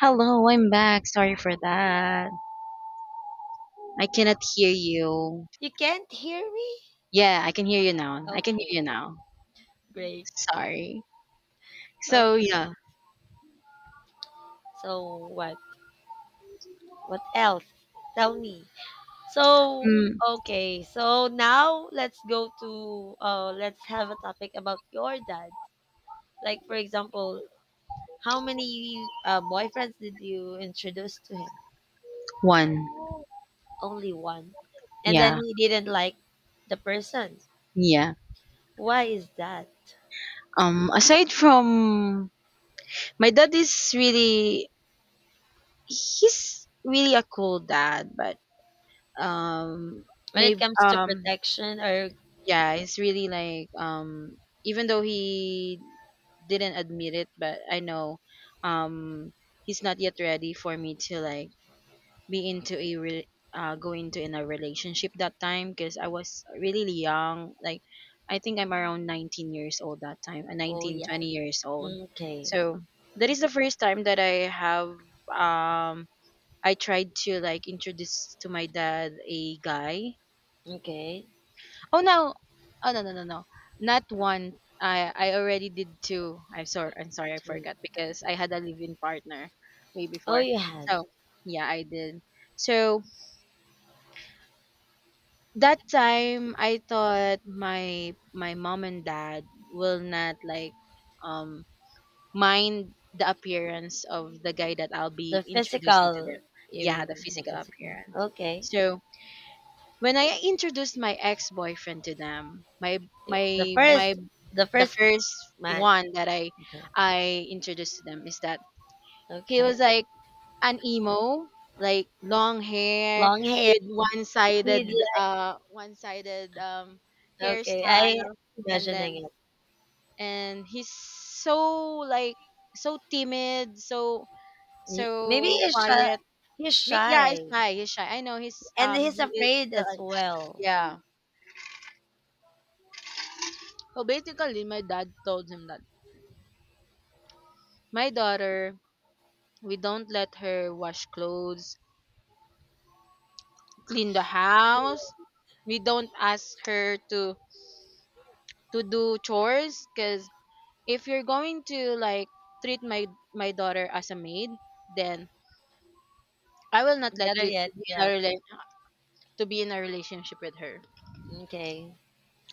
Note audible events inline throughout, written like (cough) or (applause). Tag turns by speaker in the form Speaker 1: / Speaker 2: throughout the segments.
Speaker 1: Hello, I'm back. Sorry for that. I cannot hear you.
Speaker 2: You can't hear me?
Speaker 1: Yeah, I can hear you now.
Speaker 2: Okay, great.
Speaker 1: Sorry. So
Speaker 2: Okay.
Speaker 1: yeah,
Speaker 2: So what? What else? Tell me. So
Speaker 1: mm,
Speaker 2: okay. So now let's go to let's have a topic about your dad. Like for example, how many boyfriends did you introduce to him?
Speaker 1: one.
Speaker 2: Only one. And
Speaker 1: Yeah,
Speaker 2: then he didn't like the person.
Speaker 1: yeah.
Speaker 2: Why is that?
Speaker 1: Aside from my dad is really he's really a cool dad, but um,
Speaker 2: When it
Speaker 1: maybe
Speaker 2: comes to protection or
Speaker 1: yeah, it's really like even though he didn't admit it, but I know um, he's not yet ready for me to like be into a go into in a relationship that time because I was really young. Like I think I'm around 19 years old that time,
Speaker 2: oh
Speaker 1: nineteen
Speaker 2: yeah.
Speaker 1: twenty years old.
Speaker 2: Okay.
Speaker 1: So that is the first time that I have um I tried to like introduce to my dad a guy.
Speaker 2: Okay.
Speaker 1: Oh no, oh no, not one. I already did two. I'm sorry. I
Speaker 2: Two.
Speaker 1: forgot because I had a live-in partner way
Speaker 2: Oh,
Speaker 1: before.
Speaker 2: you had.
Speaker 1: So yeah, I did. So that time I thought my mom and dad will not like um mind the appearance of the guy that I'll be
Speaker 2: The
Speaker 1: introducing to them.
Speaker 2: physical, you
Speaker 1: Yeah, the
Speaker 2: mean the
Speaker 1: physical
Speaker 2: physical?
Speaker 1: appearance.
Speaker 2: Okay.
Speaker 1: So when I introduced my ex boyfriend to them, my
Speaker 2: Yeah. The
Speaker 1: my my
Speaker 2: first, the
Speaker 1: the
Speaker 2: first
Speaker 1: first
Speaker 2: man.
Speaker 1: one that I
Speaker 2: Okay.
Speaker 1: I introduced to them is that he
Speaker 2: Okay.
Speaker 1: was like an emo, like long hair
Speaker 2: Long hair.
Speaker 1: with
Speaker 2: With
Speaker 1: one-sided
Speaker 2: Okay. I
Speaker 1: hairstyle and then
Speaker 2: imagining it.
Speaker 1: and he's so like so timid,
Speaker 2: Maybe
Speaker 1: so
Speaker 2: he's shy.
Speaker 1: quiet.
Speaker 2: He's
Speaker 1: Yeah, he's
Speaker 2: shy,
Speaker 1: shy. I know he's
Speaker 2: and he's
Speaker 1: he is
Speaker 2: afraid
Speaker 1: still
Speaker 2: as well.
Speaker 1: yeah. So basically my dad told him that my daughter we don't let her wash clothes, clean the house.
Speaker 2: (laughs)
Speaker 1: We don't ask her to do chores because if you're going to like treat my daughter as a maid then I will not let
Speaker 2: Better
Speaker 1: you
Speaker 2: yet,
Speaker 1: to be in a
Speaker 2: yeah.
Speaker 1: to be in a relationship with her
Speaker 2: Okay.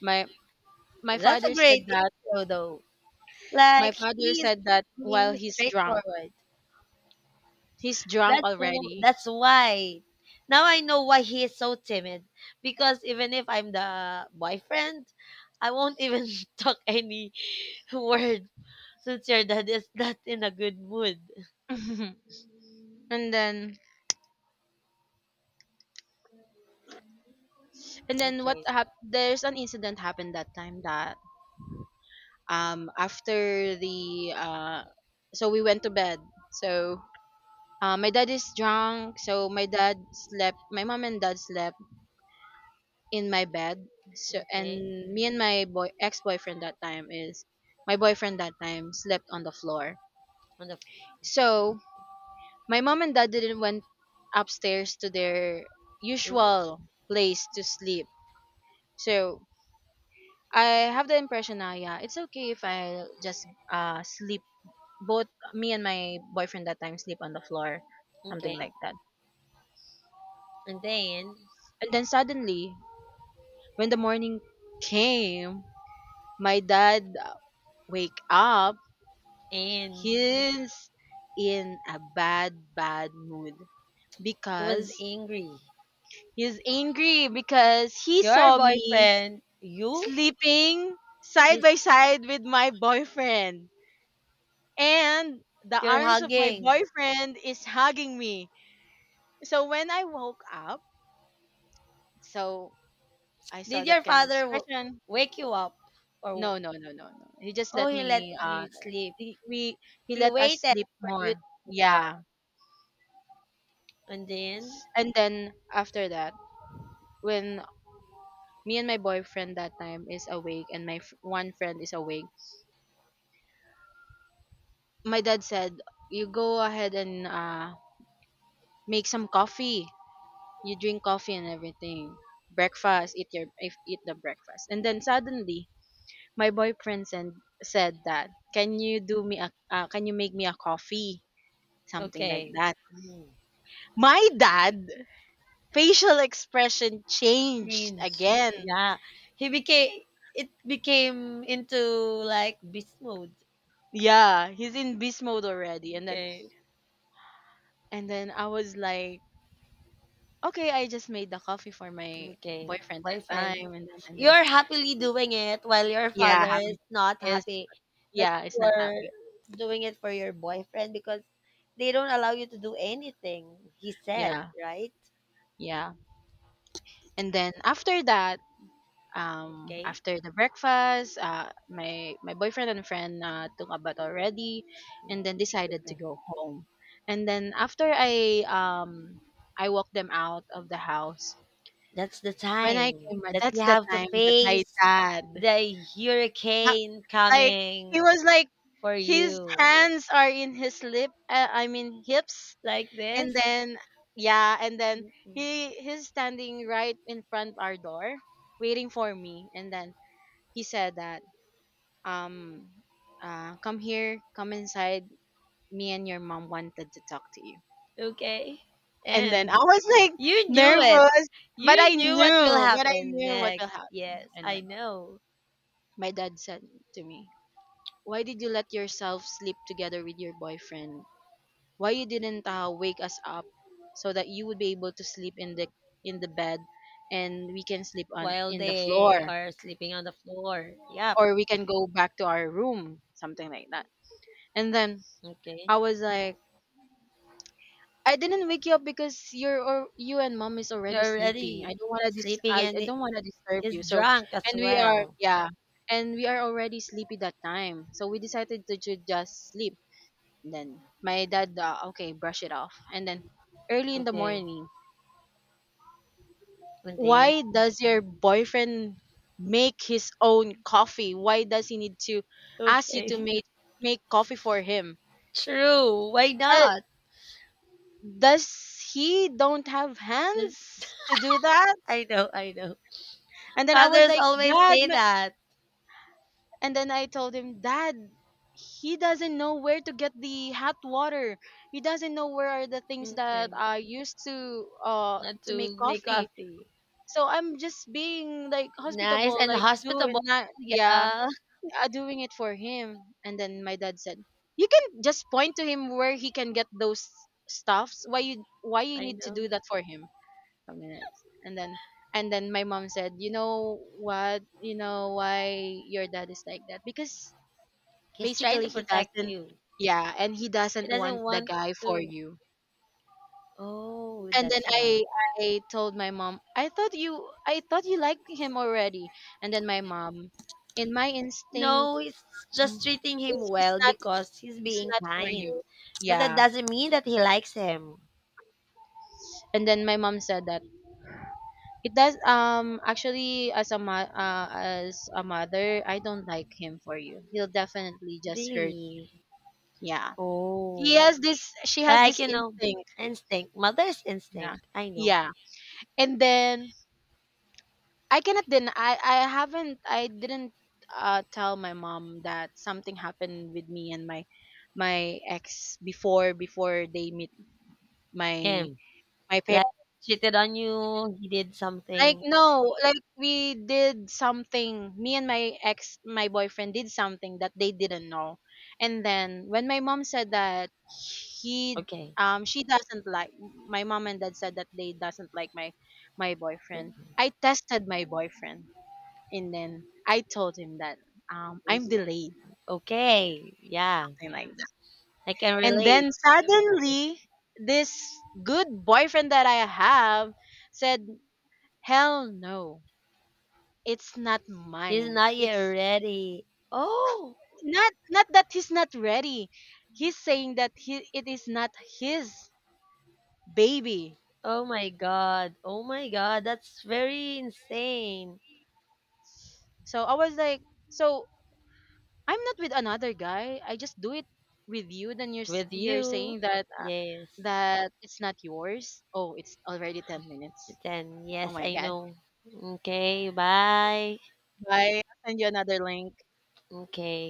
Speaker 1: my my
Speaker 2: That's a
Speaker 1: father said
Speaker 2: great
Speaker 1: that
Speaker 2: intro, though.
Speaker 1: my
Speaker 2: Like
Speaker 1: father
Speaker 2: he's
Speaker 1: said that while
Speaker 2: being
Speaker 1: he's drunk
Speaker 2: straightforward.
Speaker 1: he's drunk
Speaker 2: That's all.
Speaker 1: already
Speaker 2: That's why. Now I know why he is so timid. Because even if I'm the boyfriend, I won't even (laughs) talk any word since your dad is not in a good mood.
Speaker 1: (laughs) And then what
Speaker 2: Okay.
Speaker 1: there's an incident happened that time that after the so we went to bed so. My dad is drunk, so my dad slept. My mom and dad slept in my bed. So
Speaker 2: Okay.
Speaker 1: and me and my boy ex boyfriend that time is my boyfriend that time slept on the floor.
Speaker 2: On the
Speaker 1: So my mom and dad didn't went upstairs to their
Speaker 2: Mhm.
Speaker 1: usual place to sleep. So I have the impression now, yeah, it's okay if I just sleep. Both me and my boyfriend that time sleep on the floor,
Speaker 2: Okay,
Speaker 1: something like that.
Speaker 2: and then
Speaker 1: And then suddenly when the morning came, my dad wake up.
Speaker 2: and
Speaker 1: He's in a bad, bad mood
Speaker 2: he was
Speaker 1: because
Speaker 2: angry.
Speaker 1: he's angry because he
Speaker 2: Your
Speaker 1: saw me
Speaker 2: boyfriend, you,
Speaker 1: sleeping side
Speaker 2: miss-
Speaker 1: by side with my boyfriend. And the
Speaker 2: you're
Speaker 1: arms of my
Speaker 2: hugging.
Speaker 1: boyfriend is hugging me. So when I woke up, so I
Speaker 2: Did
Speaker 1: saw
Speaker 2: your
Speaker 1: that kind of
Speaker 2: father
Speaker 1: expression.
Speaker 2: wake you up, or
Speaker 1: No, no. He just
Speaker 2: oh
Speaker 1: let
Speaker 2: he let
Speaker 1: me
Speaker 2: you sleep?
Speaker 1: he we he
Speaker 2: He
Speaker 1: let us
Speaker 2: waited
Speaker 1: sleep
Speaker 2: for you to
Speaker 1: more.
Speaker 2: pick up,
Speaker 1: Yeah.
Speaker 2: and then
Speaker 1: And then after that, when me and my boyfriend that time is awake and my one friend is awake, my dad said, "You go ahead and make some coffee. You drink coffee and everything. Breakfast, eat your eat the breakfast." And then suddenly, my boyfriend said that, "Can you do me a can you make me a coffee?" Something like
Speaker 2: okay,
Speaker 1: that.
Speaker 2: mm,
Speaker 1: My dad facial (laughs) expression changed
Speaker 2: change.
Speaker 1: again.
Speaker 2: Yeah, he became it became into like beast mode.
Speaker 1: Yeah, he's in beast mode already. And then
Speaker 2: Okay,
Speaker 1: and then I was like, okay, I just made the coffee for my
Speaker 2: okay,
Speaker 1: boyfriend that
Speaker 2: boyfriend,
Speaker 1: time and then and then,
Speaker 2: you're
Speaker 1: and
Speaker 2: happily
Speaker 1: then
Speaker 2: doing it while your
Speaker 1: yeah,
Speaker 2: father is
Speaker 1: happy
Speaker 2: not
Speaker 1: is
Speaker 2: happy that
Speaker 1: yeah, it's not
Speaker 2: you're
Speaker 1: happy.
Speaker 2: doing it for your boyfriend because they don't allow you to do anything. He said,
Speaker 1: Yeah,
Speaker 2: right?
Speaker 1: yeah. And then after that,
Speaker 2: Okay.
Speaker 1: after the breakfast, my boyfriend and friend took a bath already and then decided to
Speaker 2: Mm.
Speaker 1: go home. And then after I walked them out of the house,
Speaker 2: That's the
Speaker 1: when I
Speaker 2: time
Speaker 1: came back,
Speaker 2: that
Speaker 1: that's
Speaker 2: you
Speaker 1: the
Speaker 2: have to
Speaker 1: time that my
Speaker 2: face
Speaker 1: dad,
Speaker 2: the
Speaker 1: na-
Speaker 2: hurricane
Speaker 1: like he
Speaker 2: coming
Speaker 1: was like
Speaker 2: for
Speaker 1: his
Speaker 2: you.
Speaker 1: hands are in his lip. I mean hips,
Speaker 2: Like
Speaker 1: and
Speaker 2: this?
Speaker 1: then yeah, and then
Speaker 2: Mhm.
Speaker 1: he's standing right in front our door, waiting for me, and then he said that um come here, come inside. Me and your mom wanted to talk to you,
Speaker 2: Okay?
Speaker 1: and then I
Speaker 2: And
Speaker 1: was like
Speaker 2: you knew it.
Speaker 1: nervous,
Speaker 2: You knew what will
Speaker 1: but I
Speaker 2: happen
Speaker 1: knew what will
Speaker 2: next.
Speaker 1: happen,
Speaker 2: Yes,
Speaker 1: and
Speaker 2: I
Speaker 1: then
Speaker 2: know.
Speaker 1: my dad said to me, why did you let yourself sleep together with your boyfriend, why you didn't wake us up so that you would be able to sleep in the bed and we can sleep on
Speaker 2: While
Speaker 1: in the
Speaker 2: they
Speaker 1: floor
Speaker 2: are sleeping on the floor. Yep.
Speaker 1: or we can go back to our room, something like that. And then
Speaker 2: Okay.
Speaker 1: I was like, I didn't wake you up because you're or you and mom is already
Speaker 2: You're
Speaker 1: sleeping, I
Speaker 2: already
Speaker 1: don't want to
Speaker 2: sleeping
Speaker 1: I,
Speaker 2: and
Speaker 1: I don't want to disturb
Speaker 2: he's
Speaker 1: you. So
Speaker 2: drunk as
Speaker 1: and we are
Speaker 2: well.
Speaker 1: yeah and we are already sleepy that time so we decided to just sleep. Then my dad okay brush it off and then early in the
Speaker 2: Okay.
Speaker 1: morning,
Speaker 2: And then?
Speaker 1: why does your boyfriend make his own coffee? Why does he need to ask you
Speaker 2: Okay.
Speaker 1: to
Speaker 2: (laughs)
Speaker 1: make coffee for him?
Speaker 2: True. Why
Speaker 1: Does,
Speaker 2: not?
Speaker 1: does he don't have hands to do that?
Speaker 2: I know.
Speaker 1: And then I was
Speaker 2: Others
Speaker 1: like,
Speaker 2: always say that.
Speaker 1: And then I told him, Dad, he doesn't know where to get the hot water. He doesn't know where are the things that
Speaker 2: Okay.
Speaker 1: I used
Speaker 2: Not
Speaker 1: to
Speaker 2: to
Speaker 1: make
Speaker 2: make
Speaker 1: coffee.
Speaker 2: coffee.
Speaker 1: So I'm just being like
Speaker 2: Nice
Speaker 1: hospitable,
Speaker 2: and
Speaker 1: like do and
Speaker 2: hospitable.
Speaker 1: not, yeah.
Speaker 2: Yeah.
Speaker 1: Doing it for him and then my dad said, you can just point to him where he can get those stuffs, why you
Speaker 2: I
Speaker 1: need to do
Speaker 2: know.
Speaker 1: that for him. Something like that. And then my mom said, you know what, you know why your dad is like that, because
Speaker 2: He's trying
Speaker 1: basically
Speaker 2: to
Speaker 1: he
Speaker 2: protect
Speaker 1: doesn't,
Speaker 2: you.
Speaker 1: yeah, and he
Speaker 2: He
Speaker 1: doesn't want
Speaker 2: doesn't
Speaker 1: the
Speaker 2: want
Speaker 1: guy for
Speaker 2: to.
Speaker 1: you.
Speaker 2: Oh,
Speaker 1: And then
Speaker 2: that's why.
Speaker 1: I told my mom, I thought you I thought you liked him already. And then my mom, in my instinct,
Speaker 2: No, he's
Speaker 1: um,
Speaker 2: just treating him
Speaker 1: he's,
Speaker 2: well because he's
Speaker 1: it's
Speaker 2: being
Speaker 1: not for
Speaker 2: kind.
Speaker 1: you.
Speaker 2: But that
Speaker 1: Yeah.
Speaker 2: doesn't mean that he likes him.
Speaker 1: And then my mom said that it does, actually as a as a mother, I don't like him for you. He'll definitely just hurt.
Speaker 2: Really?
Speaker 1: Yeah. He
Speaker 2: Oh.
Speaker 1: has this she has
Speaker 2: Like,
Speaker 1: this
Speaker 2: you know,
Speaker 1: instinct.
Speaker 2: instinct. Mother's
Speaker 1: Yeah.
Speaker 2: instinct. I know.
Speaker 1: Yeah. And then I cannot deny I haven't I didn't tell my mom that something happened with me and my ex before they meet my
Speaker 2: Him.
Speaker 1: my
Speaker 2: Like, cheated on you, he did
Speaker 1: like,
Speaker 2: something.
Speaker 1: no, like we did something. Me and my ex, my boyfriend did something that they didn't know. And then when my mom said that he,
Speaker 2: Okay.
Speaker 1: she doesn't like, my mom and dad said that they doesn't like my boyfriend, I tested my boyfriend, and then I told him that I'm delayed,
Speaker 2: Okay. Yeah.
Speaker 1: something like that.
Speaker 2: I can
Speaker 1: And
Speaker 2: relate.
Speaker 1: then
Speaker 2: Like,
Speaker 1: suddenly this good boyfriend that I have said, "Hell no, it's not
Speaker 2: he's
Speaker 1: mine."
Speaker 2: not yet
Speaker 1: It's
Speaker 2: ready. Oh.
Speaker 1: not, not that he's not ready, he's saying that he it is not his baby.
Speaker 2: Oh my god. Oh my god. That's very insane.
Speaker 1: So I was like, so I'm not with another guy, I just do it with you, then you're
Speaker 2: With
Speaker 1: you're
Speaker 2: you.
Speaker 1: saying that
Speaker 2: Yes.
Speaker 1: that it's not yours. Oh, it's already 10 minutes.
Speaker 2: Then
Speaker 1: Oh
Speaker 2: yes,
Speaker 1: my
Speaker 2: I
Speaker 1: god.
Speaker 2: know. Okay, bye.
Speaker 1: Bye, I'll send you another link.
Speaker 2: Okay.